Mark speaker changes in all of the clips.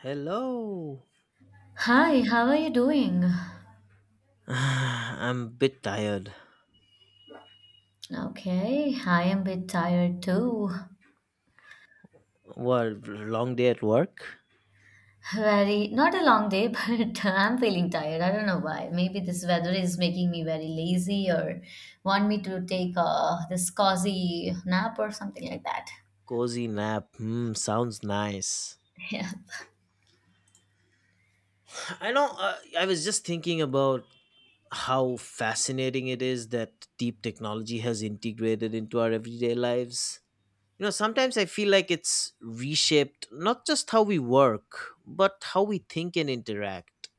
Speaker 1: Hello.
Speaker 2: Hi, how are you doing?
Speaker 1: I'm a bit tired.
Speaker 2: Okay, I am a bit tired too.
Speaker 1: What, long day at work?
Speaker 2: Very, not a long day, but I'm feeling tired. I don't know why. Maybe this weather is making me very lazy or want me to take this cozy nap or something like that.
Speaker 1: Cozy nap. Hmm, sounds nice. I know, I was just thinking about how fascinating it is that deep technology has integrated into our everyday lives. You know, sometimes I feel like it's reshaped not just how we work, but how we think and interact.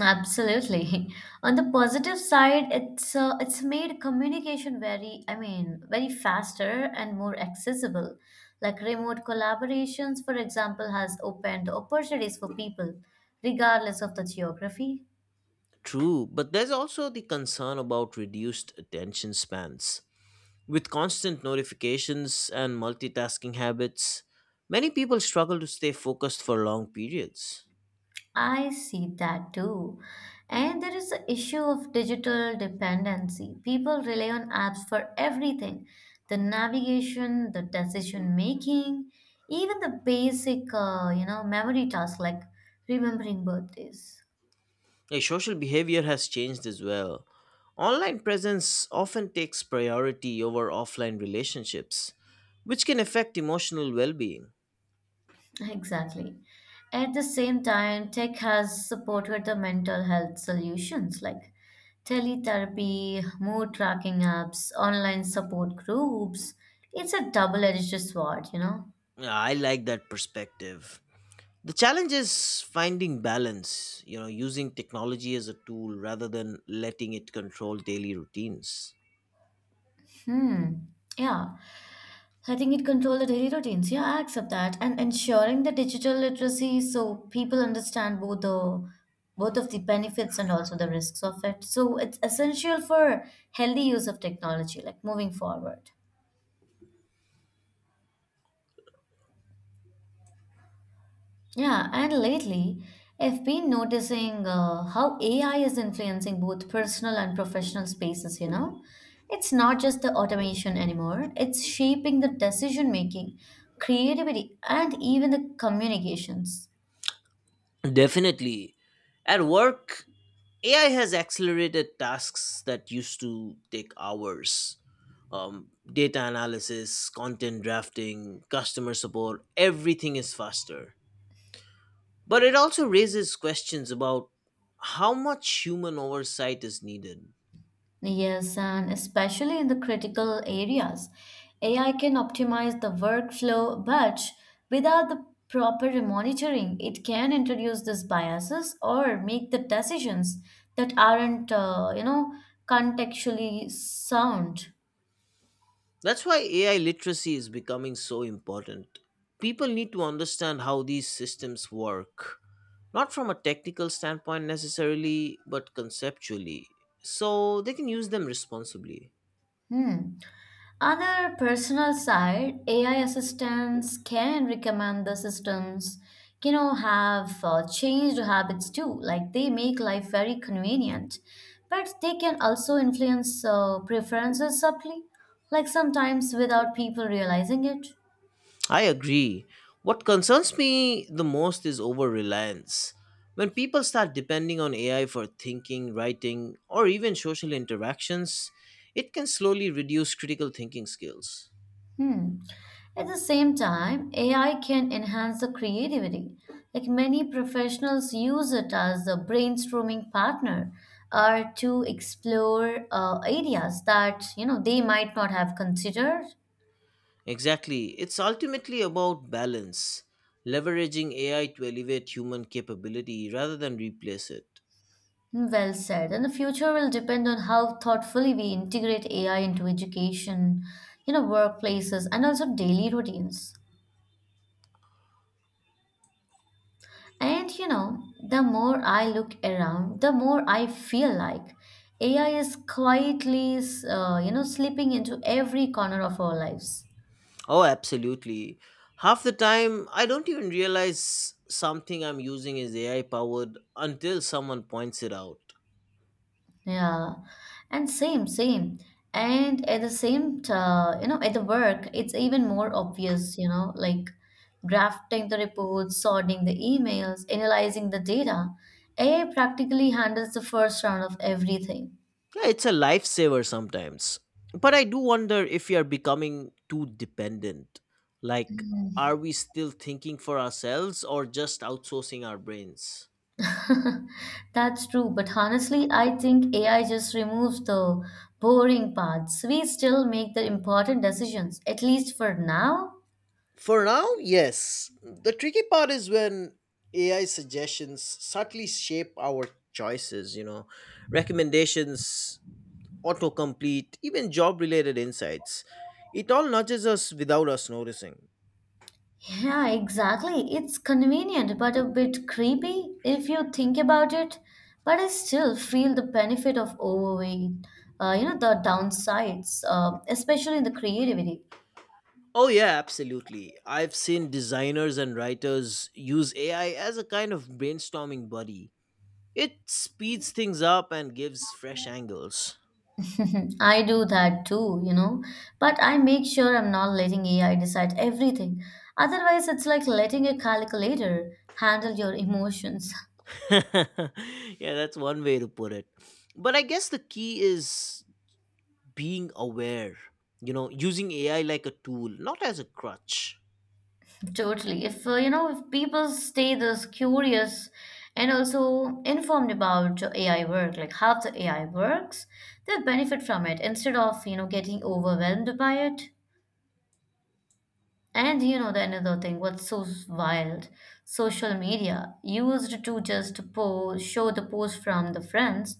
Speaker 2: Absolutely. On the positive side, it's made communication very, I mean, very faster and more accessible. Like remote collaborations, for example, has opened opportunities for people, regardless of the geography.
Speaker 1: True, but there's also the concern about reduced attention spans. With constant notifications and multitasking habits, many people struggle to stay focused for long periods.
Speaker 2: I see that too. And there is the issue of digital dependency. People rely on apps for everything the navigation, the decision making, even the basic, memory tasks like remembering birthdays.
Speaker 1: A social behavior has changed as well. Online presence often takes priority over offline relationships, which can affect emotional well being.
Speaker 2: Exactly. At the same time, tech has supported the mental health solutions like teletherapy, mood tracking apps, online support groups. It's a double edged sword, you know.
Speaker 1: I like that perspective. The challenge is finding balance, you know, using technology as a tool rather than letting it control daily routines.
Speaker 2: Hmm. Yeah. I think it control the daily routines. Yeah, I accept that. And ensuring the digital literacy so people understand both of the benefits and also the risks of it. So it's essential for healthy use of technology, like moving forward. Yeah, and lately I've been noticing how AI is influencing both personal and professional spaces, you know. It's not just the automation anymore, it's shaping the decision making, creativity, and even the communications.
Speaker 1: Definitely. At work, AI has accelerated tasks that used to take hours. Data analysis, content drafting, customer support, everything is faster. But it also raises questions about how much human oversight is needed.
Speaker 2: Yes, and especially in the critical areas, AI can optimize the workflow, but without the proper monitoring, it can introduce these biases or make the decisions that aren't, contextually sound.
Speaker 1: That's why AI literacy is becoming so important. People need to understand how these systems work, not from a technical standpoint necessarily, but conceptually, so they can use them responsibly.
Speaker 2: Hmm. On the personal side, AI assistants can recommend the systems, you know, have changed habits too. Like they make life very convenient, but they can also influence preferences subtly, like sometimes without people realizing it.
Speaker 1: I agree. What concerns me the most is over reliance. When people start depending on AI for thinking, writing, or even social interactions, it can slowly reduce critical thinking skills.
Speaker 2: Hmm. At the same time, AI can enhance the creativity. Like many professionals use it as a brainstorming partner or to explore areas that you know they might not have considered.
Speaker 1: Exactly. It's ultimately about balance, leveraging AI to elevate human capability rather than replace it.
Speaker 2: Hmm, well said. And the future will depend on how thoughtfully we integrate AI into education, you know, workplaces, and also daily routines. And you know, the more I look around, the more I feel like AI is quietly, slipping into every corner of our lives.
Speaker 1: Oh, absolutely. Half the time, I don't even realize something I'm using is AI powered until someone points it out.
Speaker 2: Yeah, and same. And at the same, you know, at the work, it's even more obvious. You know, like drafting the reports, sorting the emails, analyzing the data. AI practically handles the first round of everything.
Speaker 1: Yeah, it's a lifesaver sometimes. But I do wonder if we are becoming too dependent. Like, are we still thinking for ourselves or just outsourcing our brains?
Speaker 2: That's true, but honestly, I think AI just removes the boring parts. We still make the important decisions, at least for now.
Speaker 1: For now, yes. The tricky part is when AI suggestions subtly shape our choices, you know, recommendations, autocomplete, even job related insights. It all nudges us without us noticing.
Speaker 2: Yeah, exactly. It's convenient, but a bit creepy if you think about it. But I still feel the benefit of overweight, you know, the downsides, especially in the creativity.
Speaker 1: Oh, yeah, absolutely. I've seen designers and writers use AI as a kind of brainstorming buddy. It speeds things up and gives fresh angles.
Speaker 2: I do that too, you know, but I make sure I'm not letting AI decide everything. Otherwise, it's like letting a calculator handle your emotions.
Speaker 1: Yeah, that's one way to put it. But I guess the key is being aware, you know, using AI like a tool, not as a crutch.
Speaker 2: Totally. If you know, if people stay this curious and also informed about AI work, like how the AI works, they'll benefit from it instead of, you know, getting overwhelmed by it. And you know the another thing, what's so wild? Social media used to just post, show the post from the friends.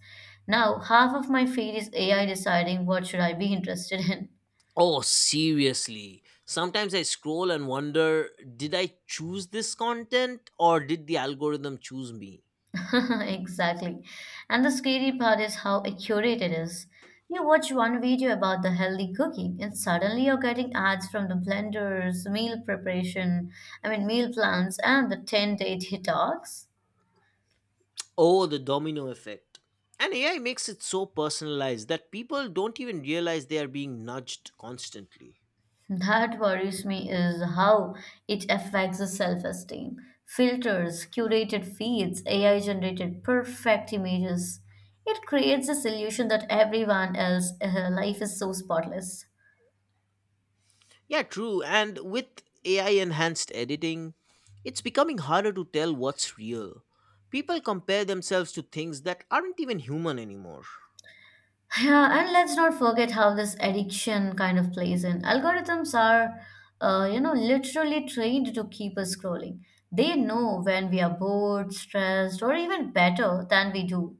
Speaker 2: Now half of my feed is AI deciding what should I be interested in.
Speaker 1: Oh, seriously. Sometimes I scroll and wonder, did I choose this content or did the algorithm choose me?
Speaker 2: Exactly. And the scary part is how accurate it is. You watch one video about the healthy cooking, and suddenly you're getting ads from the blenders, meal preparation, I mean meal plans, and the 10-day detox.
Speaker 1: Oh, the domino effect. And AI makes it so personalized that people don't even realize they are being nudged constantly.
Speaker 2: That worries me is how it affects the self esteem. Filters, curated feeds, AI generated perfect images. It creates this illusion that everyone else life is so spotless.
Speaker 1: Yeah, true. And with AI enhanced editing, it's becoming harder to tell what's real. People compare themselves to things that aren't even human anymore.
Speaker 2: Yeah, and let's not forget how this addiction kind of plays in. Algorithms are, you know, literally trained to keep us scrolling. They know when we are bored, stressed, or even better than we do.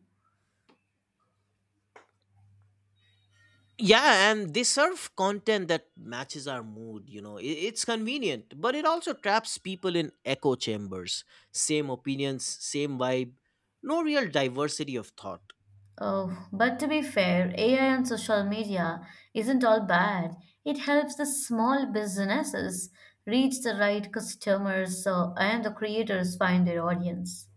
Speaker 1: Yeah, and they serve content that matches our mood, you know. It's convenient, but it also traps people in echo chambers. Same opinions, same vibe, no real diversity of thought.
Speaker 2: Oh, but to be fair, AI and social media isn't all bad. It helps the small businesses reach the right customers so, and the creators find their audience.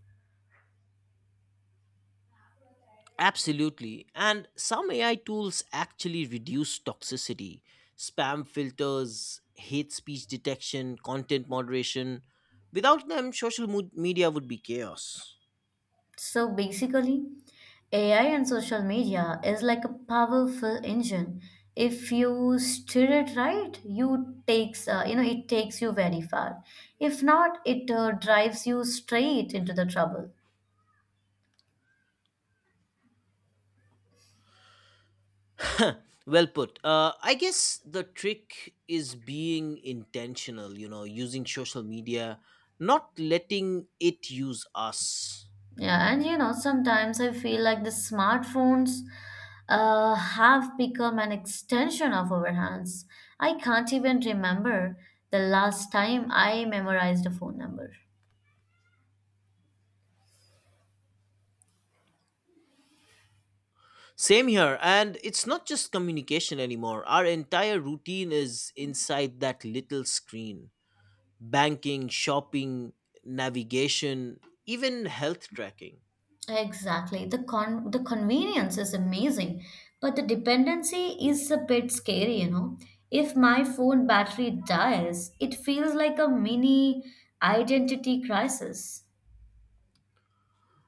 Speaker 1: Absolutely. And some AI tools actually reduce toxicity. Spam filters, hate speech detection, content moderation. Without them, media would be chaos.
Speaker 2: So basically, AI and social media is like a powerful engine. If you steer it right, you know it takes you very far. If not, it drives you straight into the trouble.
Speaker 1: Well put. I guess the trick is being intentional, you know, using social media, not letting it use us.
Speaker 2: Yeah, and you know, sometimes I feel like the smartphones have become an extension of our hands. I can't even remember the last time I memorized a phone number.
Speaker 1: Same here. And it's not just communication anymore, our entire routine is inside that little screen: banking, shopping, navigation, even health tracking.
Speaker 2: Exactly. The convenience is amazing, but the dependency is a bit scary, you know. If my phone battery dies, it feels like a mini identity crisis.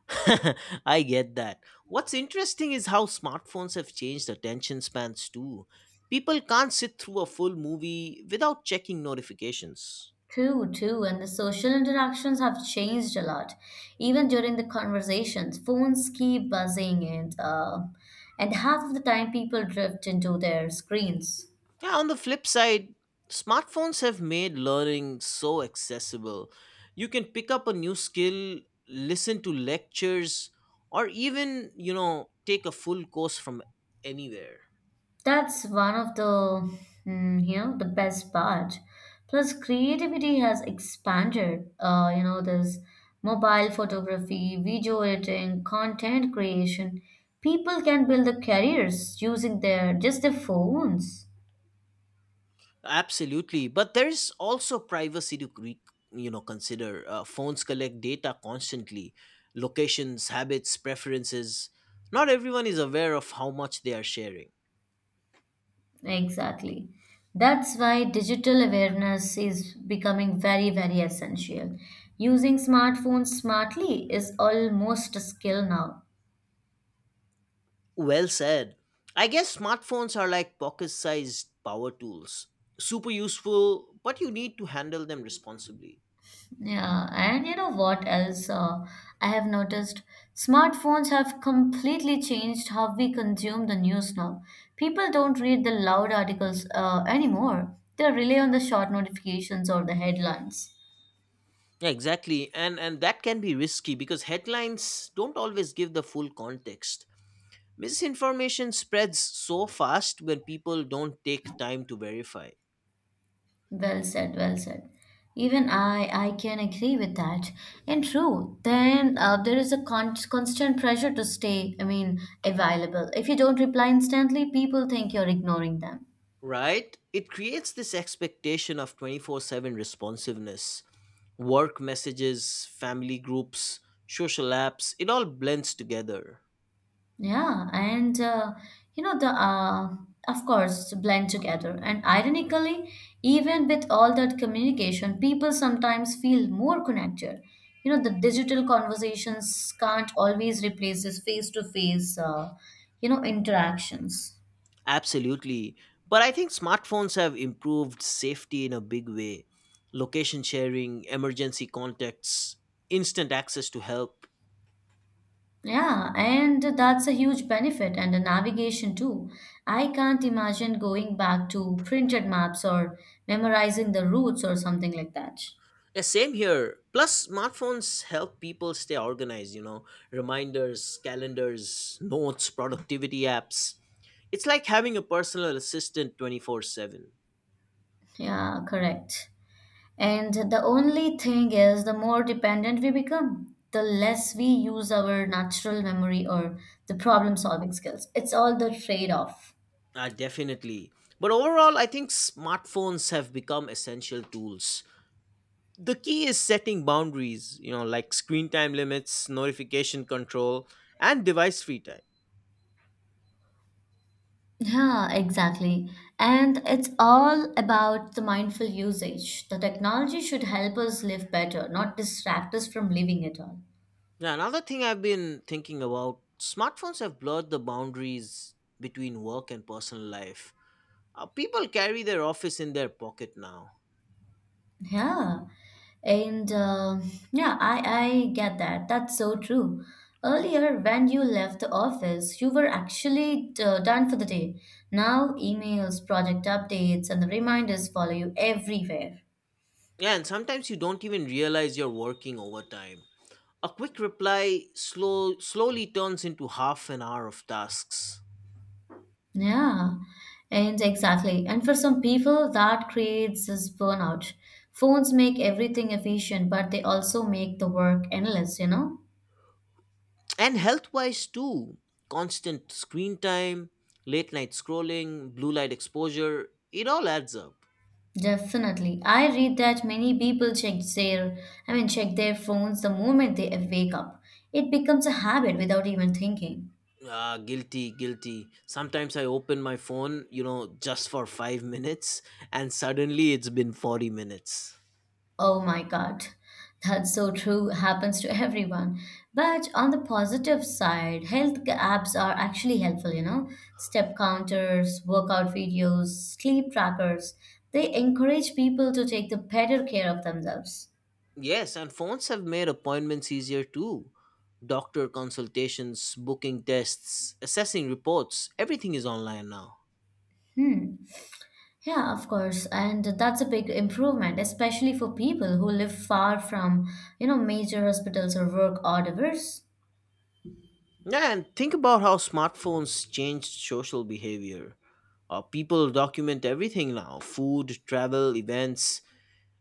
Speaker 1: I get that. What's interesting is how smartphones have changed attention spans too. People can't sit through a full movie without checking notifications.
Speaker 2: True, too, and the social interactions have changed a lot. Even during the conversations, phones keep buzzing, and and half of the time people drift into their screens.
Speaker 1: Yeah, on the flip side, smartphones have made learning so accessible. You can pick up a new skill, listen to lectures, or even, you know, take a full course from anywhere.
Speaker 2: That's one of the you know the best part. Plus, creativity has expanded. You know, there's mobile photography, video editing, content creation. People can build their careers using their just their phones.
Speaker 1: Absolutely, but there's also privacy to you know, consider. Phones collect data constantly: locations, habits, preferences. Not everyone is aware of how much they are sharing.
Speaker 2: Exactly. That's why digital awareness is becoming very, very essential. Using smartphones smartly is almost a skill now.
Speaker 1: Well said. I guess smartphones are like pocket sized power tools. Super useful, but you need to handle them responsibly.
Speaker 2: Yeah, and you know what else I have noticed? Smartphones have completely changed how we consume the news now. People don't read the loud articles anymore, they rely on the short notifications or the headlines.
Speaker 1: Yeah, exactly. And that can be risky because headlines don't always give the full context. Misinformation spreads so fast when people don't take time to verify.
Speaker 2: Well said. Even I can agree with that. And true, then there is a constant pressure to stay, I mean, available. If you don't reply instantly, people think you're ignoring them.
Speaker 1: Right? It creates this expectation of 24/7 responsiveness. Work messages, family groups, social apps, it all blends together.
Speaker 2: Yeah, and you know the of course blend together. And ironically, even with all that communication, people sometimes feel more connected. You know the digital conversations can't always replace this face-to-face, you know, interactions.
Speaker 1: Absolutely. But I think smartphones have improved safety in a big way. Location sharing, emergency contacts, instant access to help.
Speaker 2: Yeah, and that's a huge benefit, and the navigation too. I can't imagine going back to printed maps or memorizing the routes or something like that.
Speaker 1: Yeah, same here. Plus, smartphones help people stay organized, you know, reminders, calendars, notes, productivity apps. It's like having a personal assistant 24/7.
Speaker 2: Yeah, correct. And the only thing is, the more dependent we become, the less we use our natural memory or the problem solving skills. It's all the trade off.
Speaker 1: Definitely. But overall, I think smartphones have become essential tools. The key is setting boundaries, you know, like screen time limits, notification control, and device free time.
Speaker 2: Yeah, exactly. And it's all about the mindful usage. The technology should help us live better, not distract us from living it all.
Speaker 1: Now, another thing I've been thinking about, smartphones have blurred the boundaries between work and personal life. People carry their office in their pocket now.
Speaker 2: Yeah. And yeah, I get that. That's so true. Earlier, when you left the office, you were actually done for the day. Now, emails, project updates, and the reminders follow you everywhere.
Speaker 1: Yeah, and sometimes you don't even realize you're working overtime. A quick reply slowly turns into half an hour of tasks.
Speaker 2: Yeah, and exactly. And for some people, that creates this burnout. Phones make everything efficient, but they also make the work endless, you know?
Speaker 1: And health wise too, constant screen time, late night scrolling, blue light exposure, it all adds up.
Speaker 2: Definitely. I read that many people check I mean, check their phones the moment they wake up. It becomes a habit without even thinking.
Speaker 1: Ah, guilty, guilty. Sometimes I open my phone, you know, just for 5 minutes, and suddenly it's been 40 minutes.
Speaker 2: Oh my God, that's so true, happens to everyone. But on the positive side, health apps are actually helpful, you know. Step counters, workout videos, sleep trackers, they encourage people to take the better care of themselves.
Speaker 1: Yes, and phones have made appointments easier too. Doctor consultations, booking tests, assessing reports, everything is online now.
Speaker 2: Hmm. Yeah, of course. And that's a big improvement, especially for people who live far from, you know, major hospitals or work odd hours.
Speaker 1: Yeah, and think about how smartphones changed social behavior. People document everything now: food, travel, events.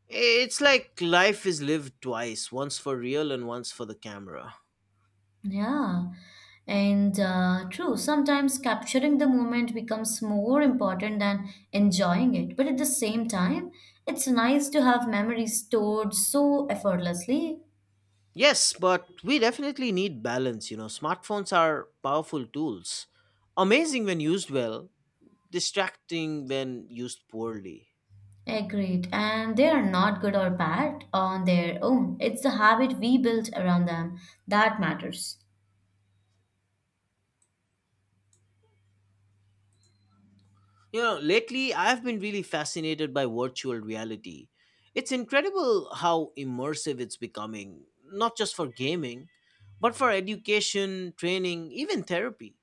Speaker 1: It's like life is lived twice, once for real and once for the camera.
Speaker 2: Yeah, and true, sometimes capturing the moment becomes more important than enjoying it. But at the same time, it's nice to have memories stored so effortlessly.
Speaker 1: Yes, but we definitely need balance. You know, smartphones are powerful tools. Amazing when used well, distracting when used poorly.
Speaker 2: Agreed. And they are not good or bad on their own. It's the habit we build around them that matters.
Speaker 1: You know, lately I've been really fascinated by virtual reality. It's incredible how immersive it's becoming, not just for gaming, but for education, training, even therapy.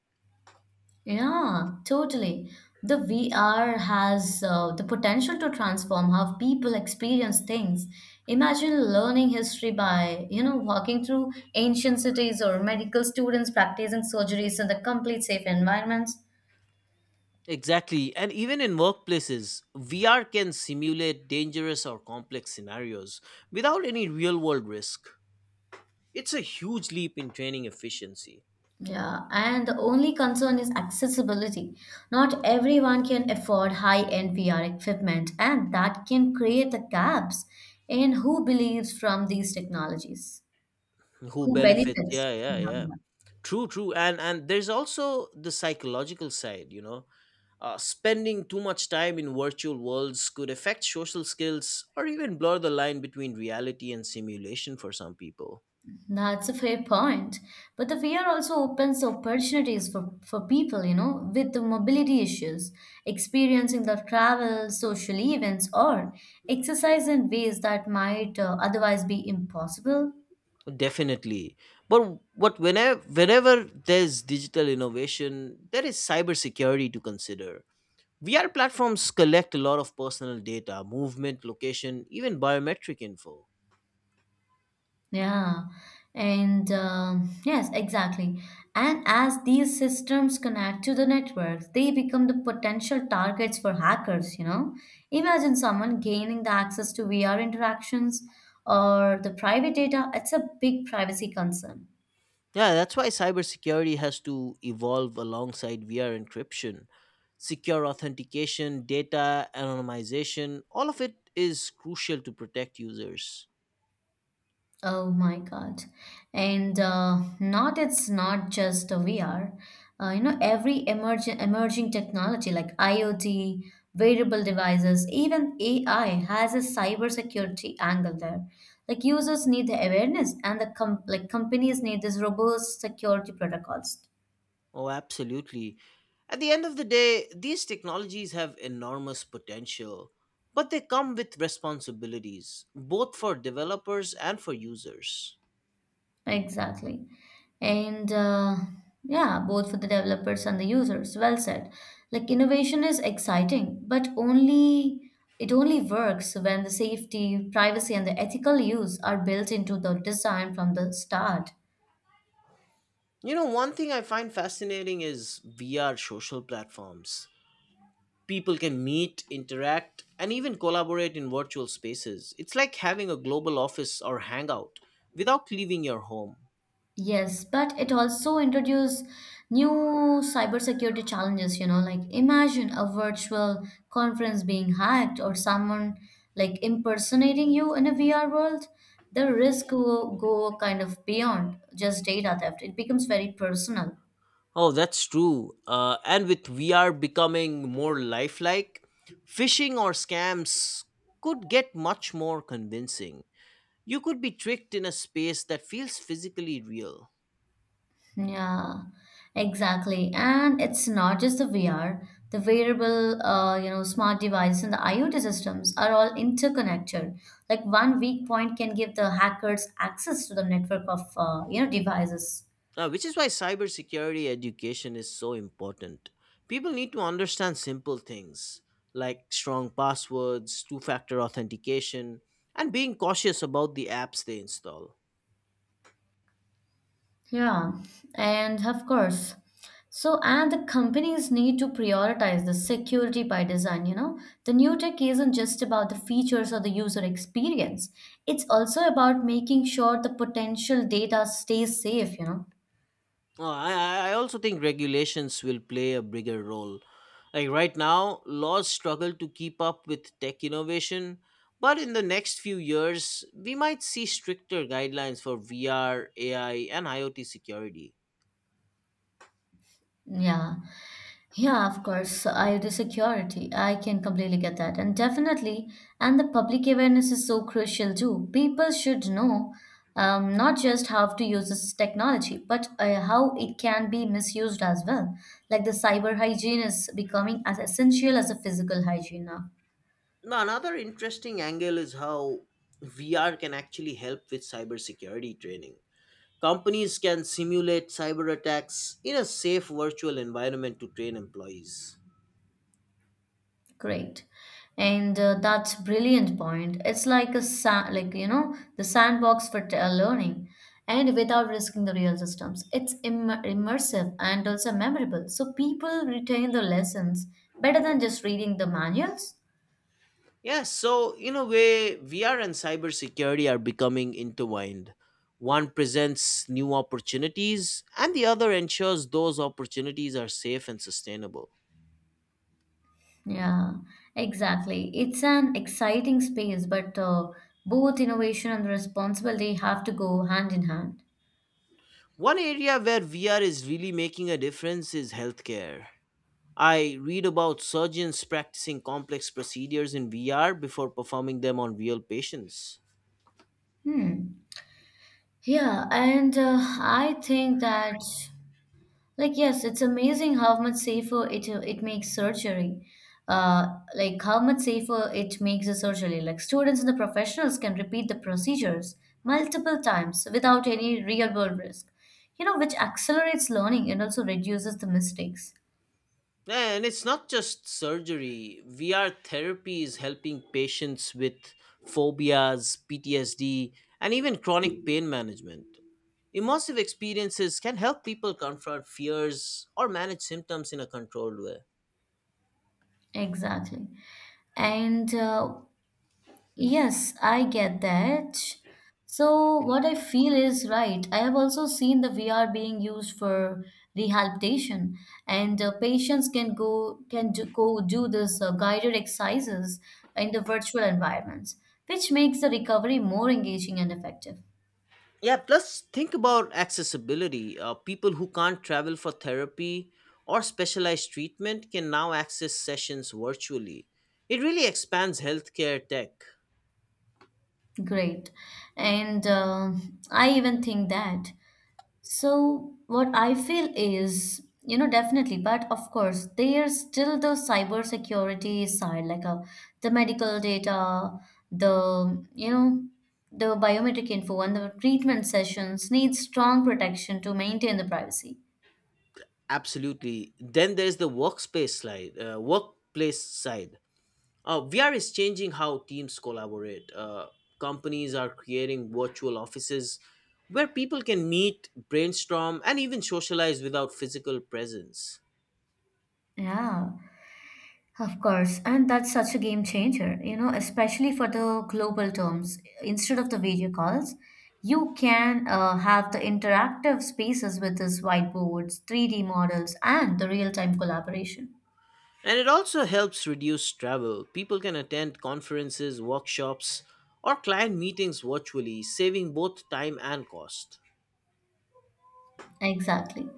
Speaker 2: Yeah, totally. The VR has the potential to transform how people experience things. Imagine learning history by, you know, walking through ancient cities or medical students practicing surgeries in the complete safe environments.
Speaker 1: Exactly. And even in workplaces, VR can simulate dangerous or complex scenarios without any real world risk. It's a huge leap in training efficiency.
Speaker 2: Yeah, and the only concern is accessibility. Not everyone can afford high-end VR equipment, and that can create the gaps in who believes from these technologies,
Speaker 1: Who
Speaker 2: who
Speaker 1: benefits?
Speaker 2: benefits.
Speaker 1: Yeah, yeah, yeah.
Speaker 2: Yeah.
Speaker 1: True, true. And there's also the psychological side, you know. Spending too much time in virtual worlds could affect social skills or even blur the line between reality and simulation for some people.
Speaker 2: That's a fair point. But the fear also opens opportunities for people, you know, with the mobility issues, experiencing the travel, social events, or exercise in ways that might otherwise be impossible.
Speaker 1: Definitely. But what whenever whenever there's digital innovation, there is cybersecurity to consider. VR platforms collect a lot of personal data, movement, location, even biometric info.
Speaker 2: Yeah, and yes, exactly. And as these systems connect to the networks, they become the potential targets for hackers, you know. Imagine someone gaining the access to VR interactions or the private data. It's a big privacy concern.
Speaker 1: Yeah, that's why cybersecurity has to evolve alongside VR encryption. Secure authentication, data anonymization, all of it is crucial to protect users.
Speaker 2: Oh my God. And not it's not just a VR. You know, every emerging technology like IoT, wearable devices, even AI has a cybersecurity angle there. Like users need the awareness and the com like companies need this robust security protocols.
Speaker 1: Oh, absolutely. At the end of the day, these technologies have enormous potential, but they come with responsibilities, both for developers and for users.
Speaker 2: Exactly. And yeah, both for the developers and the users, well said. Like innovation is exciting but only it only works when the safety, privacy, and the ethical use are built into the design from the start.
Speaker 1: You know, one thing I find fascinating is VR social platforms. People can meet, interact, and even collaborate in virtual spaces. It's like having a global office or hangout without leaving your home.
Speaker 2: Yes, but it also introduced new cybersecurity challenges, you know, like imagine a virtual conference being hacked or someone like impersonating you in a VR world. The risk go kind of beyond just data theft. It becomes very personal.
Speaker 1: Oh, that's true. And with VR becoming more lifelike, phishing or scams could get much more convincing. You could be tricked in a space that feels physically real.
Speaker 2: Yeah, exactly. And it's not just the VR. The wearable, smart devices and the IoT systems are all interconnected. Like one weak point can give the hackers access to the network of devices.
Speaker 1: Which is why cybersecurity education is so important. People need to understand simple things like strong passwords, two factor authentication, and being cautious about the apps they install.
Speaker 2: Yeah, and of course. So, and the companies need to prioritize the security by design. The new tech isn't just about the features or the user experience. It's also about making sure the potential data stays safe.
Speaker 1: I also think regulations will play a bigger role. Like right now, laws struggle to keep up with tech innovation, but in the next few years, we might see stricter guidelines for VR, AI, and IoT security.
Speaker 2: Yeah, yeah, of course. I the security. I can completely get that. And definitely, and the public awareness is so crucial too. People should know not just how to use this technology, but how it can be misused as well. Like the cyber hygiene is becoming as essential as a physical hygiene now.
Speaker 1: Now, another interesting angle is how VR can actually help with cybersecurity training. Companies can simulate cyber attacks in a safe virtual environment to train employees.
Speaker 2: Great. And that's brilliant point. It's like a sa- like you know the sandbox for learning and without risking the real systems. It's immersive and also memorable. So people retain the lessons better than just reading the manuals.
Speaker 1: Yes, so in a way, VR and cybersecurity are becoming intertwined. One presents new opportunities, and the other ensures those opportunities are safe and sustainable.
Speaker 2: Yeah, exactly. It's an exciting space, but both innovation and responsibility have to go hand in hand.
Speaker 1: One area where VR is really making a difference is healthcare. I read about surgeons practicing complex procedures in VR before performing them on real patients.
Speaker 2: Hmm. Yeah, and I think that. Like, yes, it's amazing how much safer it makes surgery. Uh, like how much safer it makes the surgery. Like students and the professionals can repeat the procedures multiple times without any real world risk. Which accelerates learning and also reduces the mistakes.
Speaker 1: And it's not just surgery, VR therapy is helping patients with phobias, PTSD, and even chronic pain management. Immersive experiences can help people confront fears or manage symptoms in a controlled way.
Speaker 2: Exactly. And yes, I get that. So, what I feel is right. I have also seen the VR being used for rehabilitation, and patients can do this guided exercises in the virtual environments, which makes the recovery more engaging and effective.
Speaker 1: Yeah, plus think about accessibility. People who can't travel for therapy or specialized treatment can now access sessions virtually. It really expands healthcare tech.
Speaker 2: Great, and I even think that. So, what I feel is, definitely, but of course, there's still the cybersecurity side, like the medical data, the, you know, the biometric info and the treatment sessions need strong protection to maintain the privacy.
Speaker 1: Absolutely. Then there's workplace side. VR is changing how teams collaborate. Companies are creating virtual offices where people can meet, brainstorm, and even socialize without physical presence.
Speaker 2: Yeah. Of course, and that's such a game changer, especially for the global terms. Instead of the video calls, you can have the interactive spaces with these whiteboards, 3D models, and the real time collaboration.
Speaker 1: And it also helps reduce travel. People can attend conferences, workshops, or client meetings virtually, saving both time and cost.
Speaker 2: Exactly.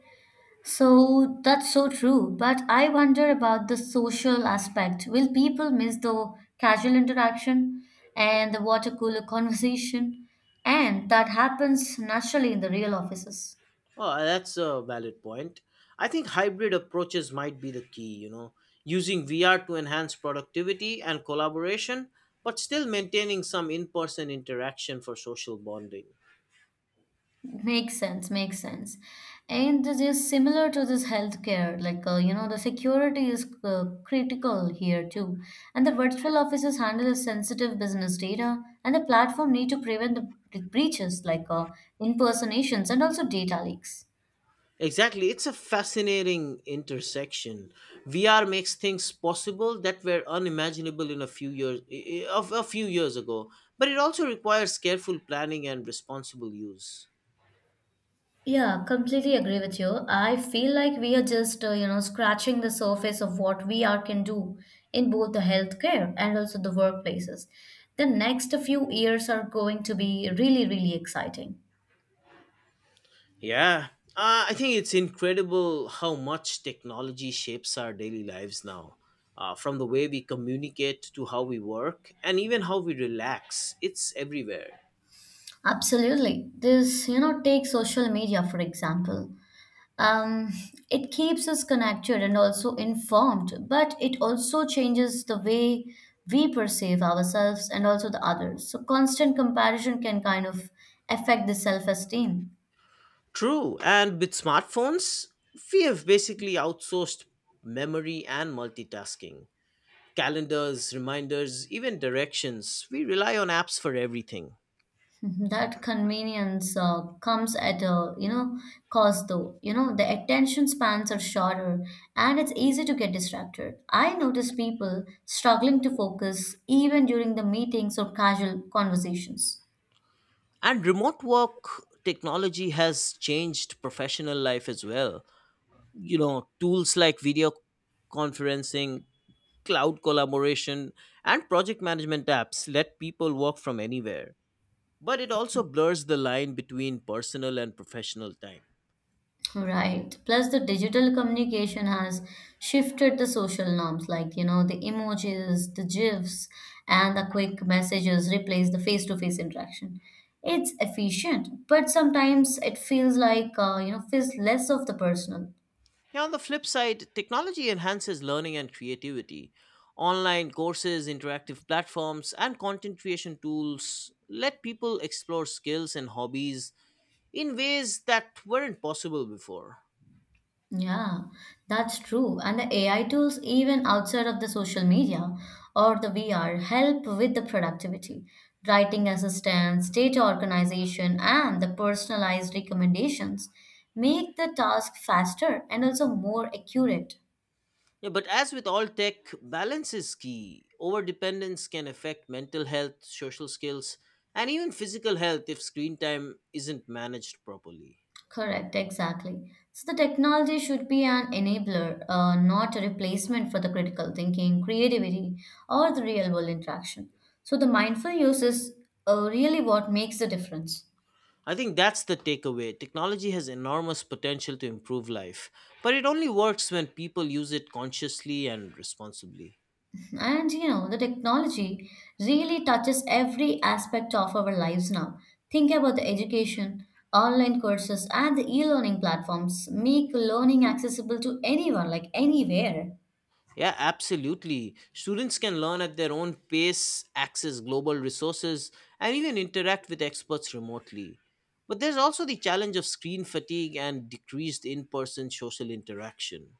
Speaker 2: So that's so true. But I wonder about the social aspect. Will people miss the casual interaction and the water cooler conversation? And that happens naturally in the real offices.
Speaker 1: Oh, that's a valid point. I think hybrid approaches might be the key, you know, using VR to enhance productivity and collaboration, but still maintaining some in person interaction for social bonding.
Speaker 2: Makes sense, makes sense. And this is similar to this healthcare, like the security is critical here too. And the virtual offices handle the sensitive business data, and the platform need to prevent the breaches like impersonations and also data leaks.
Speaker 1: Exactly, it's a fascinating intersection. VR makes things possible that were unimaginable in a few years ago, but it also requires careful planning and responsible use.
Speaker 2: Yeah, completely agree with you. I feel like we are just, scratching the surface of what we are can do in both the healthcare and also the workplaces. The next few years are going to be really, really exciting.
Speaker 1: Yeah, I think it's incredible how much technology shapes our daily lives now. From the way we communicate to how we work and even how we relax, it's everywhere.
Speaker 2: Absolutely. Take social media for example. Um, it keeps us connected and also informed, but it also changes the way we perceive ourselves and also the others. So, constant comparison can kind of affect the self-esteem.
Speaker 1: True, and with smartphones, we have basically outsourced memory and multitasking. Calendars, reminders, even directions. We rely on apps for everything.
Speaker 2: That convenience comes at a cost, though. You know the attention spans are shorter, and it's easy to get distracted. I notice people struggling to focus even during the meetings or casual conversations.
Speaker 1: And remote work technology has changed professional life as well. You know, tools like video conferencing, cloud collaboration, and project management apps let people work from anywhere. But it also blurs the line between personal and professional time.
Speaker 2: Right. Plus, the digital communication has shifted the social norms, like, the emojis, the GIFs, and the quick messages replace the face-to-face interaction. It's efficient, but sometimes it feels feels less of the personal.
Speaker 1: Yeah, on the flip side, technology enhances learning and creativity. Online courses, interactive platforms, and content creation tools let people explore skills and hobbies in ways that weren't possible before.
Speaker 2: Yeah, that's true. And the AI tools, even outside of the social media or the VR, help with the productivity, writing assistance, data organization, and the personalized recommendations make the task faster and also more accurate.
Speaker 1: Yeah, but as with all tech, balance is key. Overdependence can affect mental health, social skills, and even physical health if screen time isn't managed properly.
Speaker 2: Correct, exactly. So the technology should be an enabler, not a replacement for the critical thinking, creativity, or the real world interaction. So the mindful use is really what makes the difference.
Speaker 1: I think that's the takeaway. Technology has enormous potential to improve life, but it only works when people use it consciously and responsibly.
Speaker 2: And the technology really touches every aspect of our lives now. Think about the education, online courses, and the e learning platforms make learning accessible to anyone, like anywhere.
Speaker 1: Yeah, absolutely. Students can learn at their own pace, access global resources, and even interact with experts remotely. But there's also the challenge of screen fatigue and decreased in person social interaction.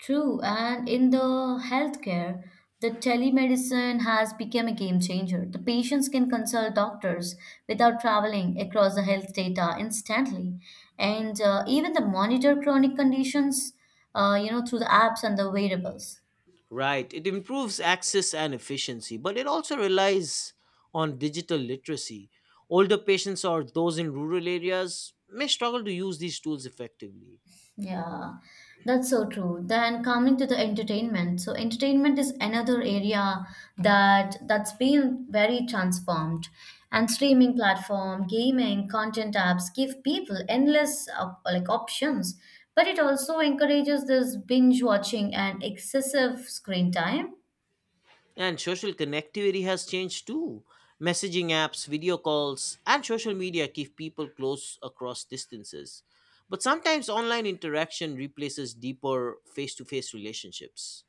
Speaker 2: True, and in the healthcare, the telemedicine has become a game changer. The patients can consult doctors without traveling across the health data instantly. And even the monitor chronic conditions, through the apps and the wearables.
Speaker 1: Right. It improves access and efficiency, but it also relies on digital literacy. Older patients or those in rural areas may struggle to use these tools effectively.
Speaker 2: Yeah, that's so true. Then coming to the entertainment. So entertainment is another area that's been very transformed. And streaming platform, gaming, content apps give people endless options, but it also encourages this binge watching and excessive screen time.
Speaker 1: And social connectivity has changed too. Messaging apps, video calls, and social media keep people close across distances. But sometimes online interaction replaces deeper face to face relationships.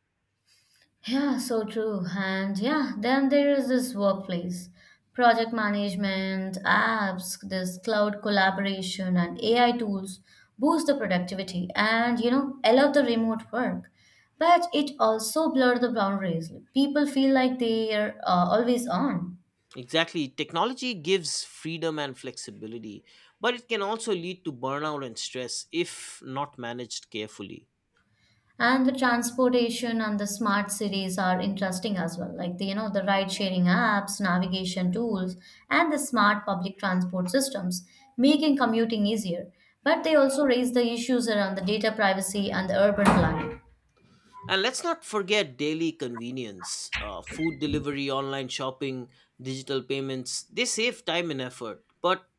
Speaker 2: Yeah, so true. And yeah, then there is this workplace, project management, apps, this cloud collaboration, and AI tools boost the productivity and allow the remote work. But it also blur the boundaries. People feel like they are always on.
Speaker 1: Exactly. Technology gives freedom and flexibility, but it can also lead to burnout and stress if not managed carefully.
Speaker 2: And the transportation and the smart cities are interesting as well, like the ride sharing apps, navigation tools, and the smart public transport systems, making commuting easier. But they also raise the issues around the data privacy and the urban planning.
Speaker 1: And let's not forget daily convenience, food delivery, online shopping, digital payments. They save time and effort, but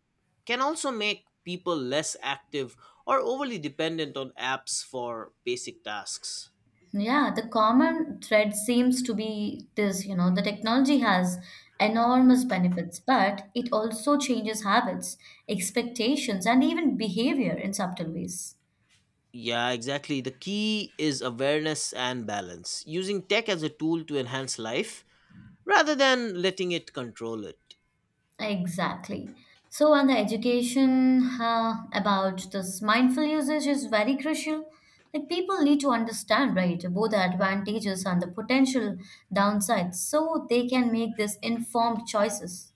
Speaker 1: can also make people less active or overly dependent on apps for basic tasks.
Speaker 2: Yeah, the common thread seems to be the technology has enormous benefits, but it also changes habits, expectations, and even behavior in subtle ways.
Speaker 1: Yeah, exactly. The key is awareness and balance. Using tech as a tool to enhance life rather than letting it control it.
Speaker 2: Exactly. So, and the education about this mindful usage is very crucial. Like people need to understand, right, both the advantages and the potential downsides, so they can make this informed choices.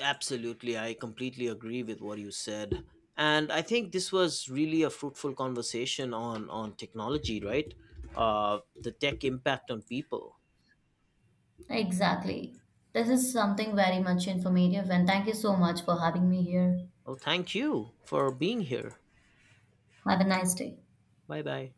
Speaker 1: Absolutely, I completely agree with what you said. And I think this was really a fruitful conversation on, technology, right? The tech impact on people.
Speaker 2: Exactly. This is something very much informative, and thank you so much for having me here.
Speaker 1: Well, thank you for being here.
Speaker 2: Have a nice day.
Speaker 1: Bye bye.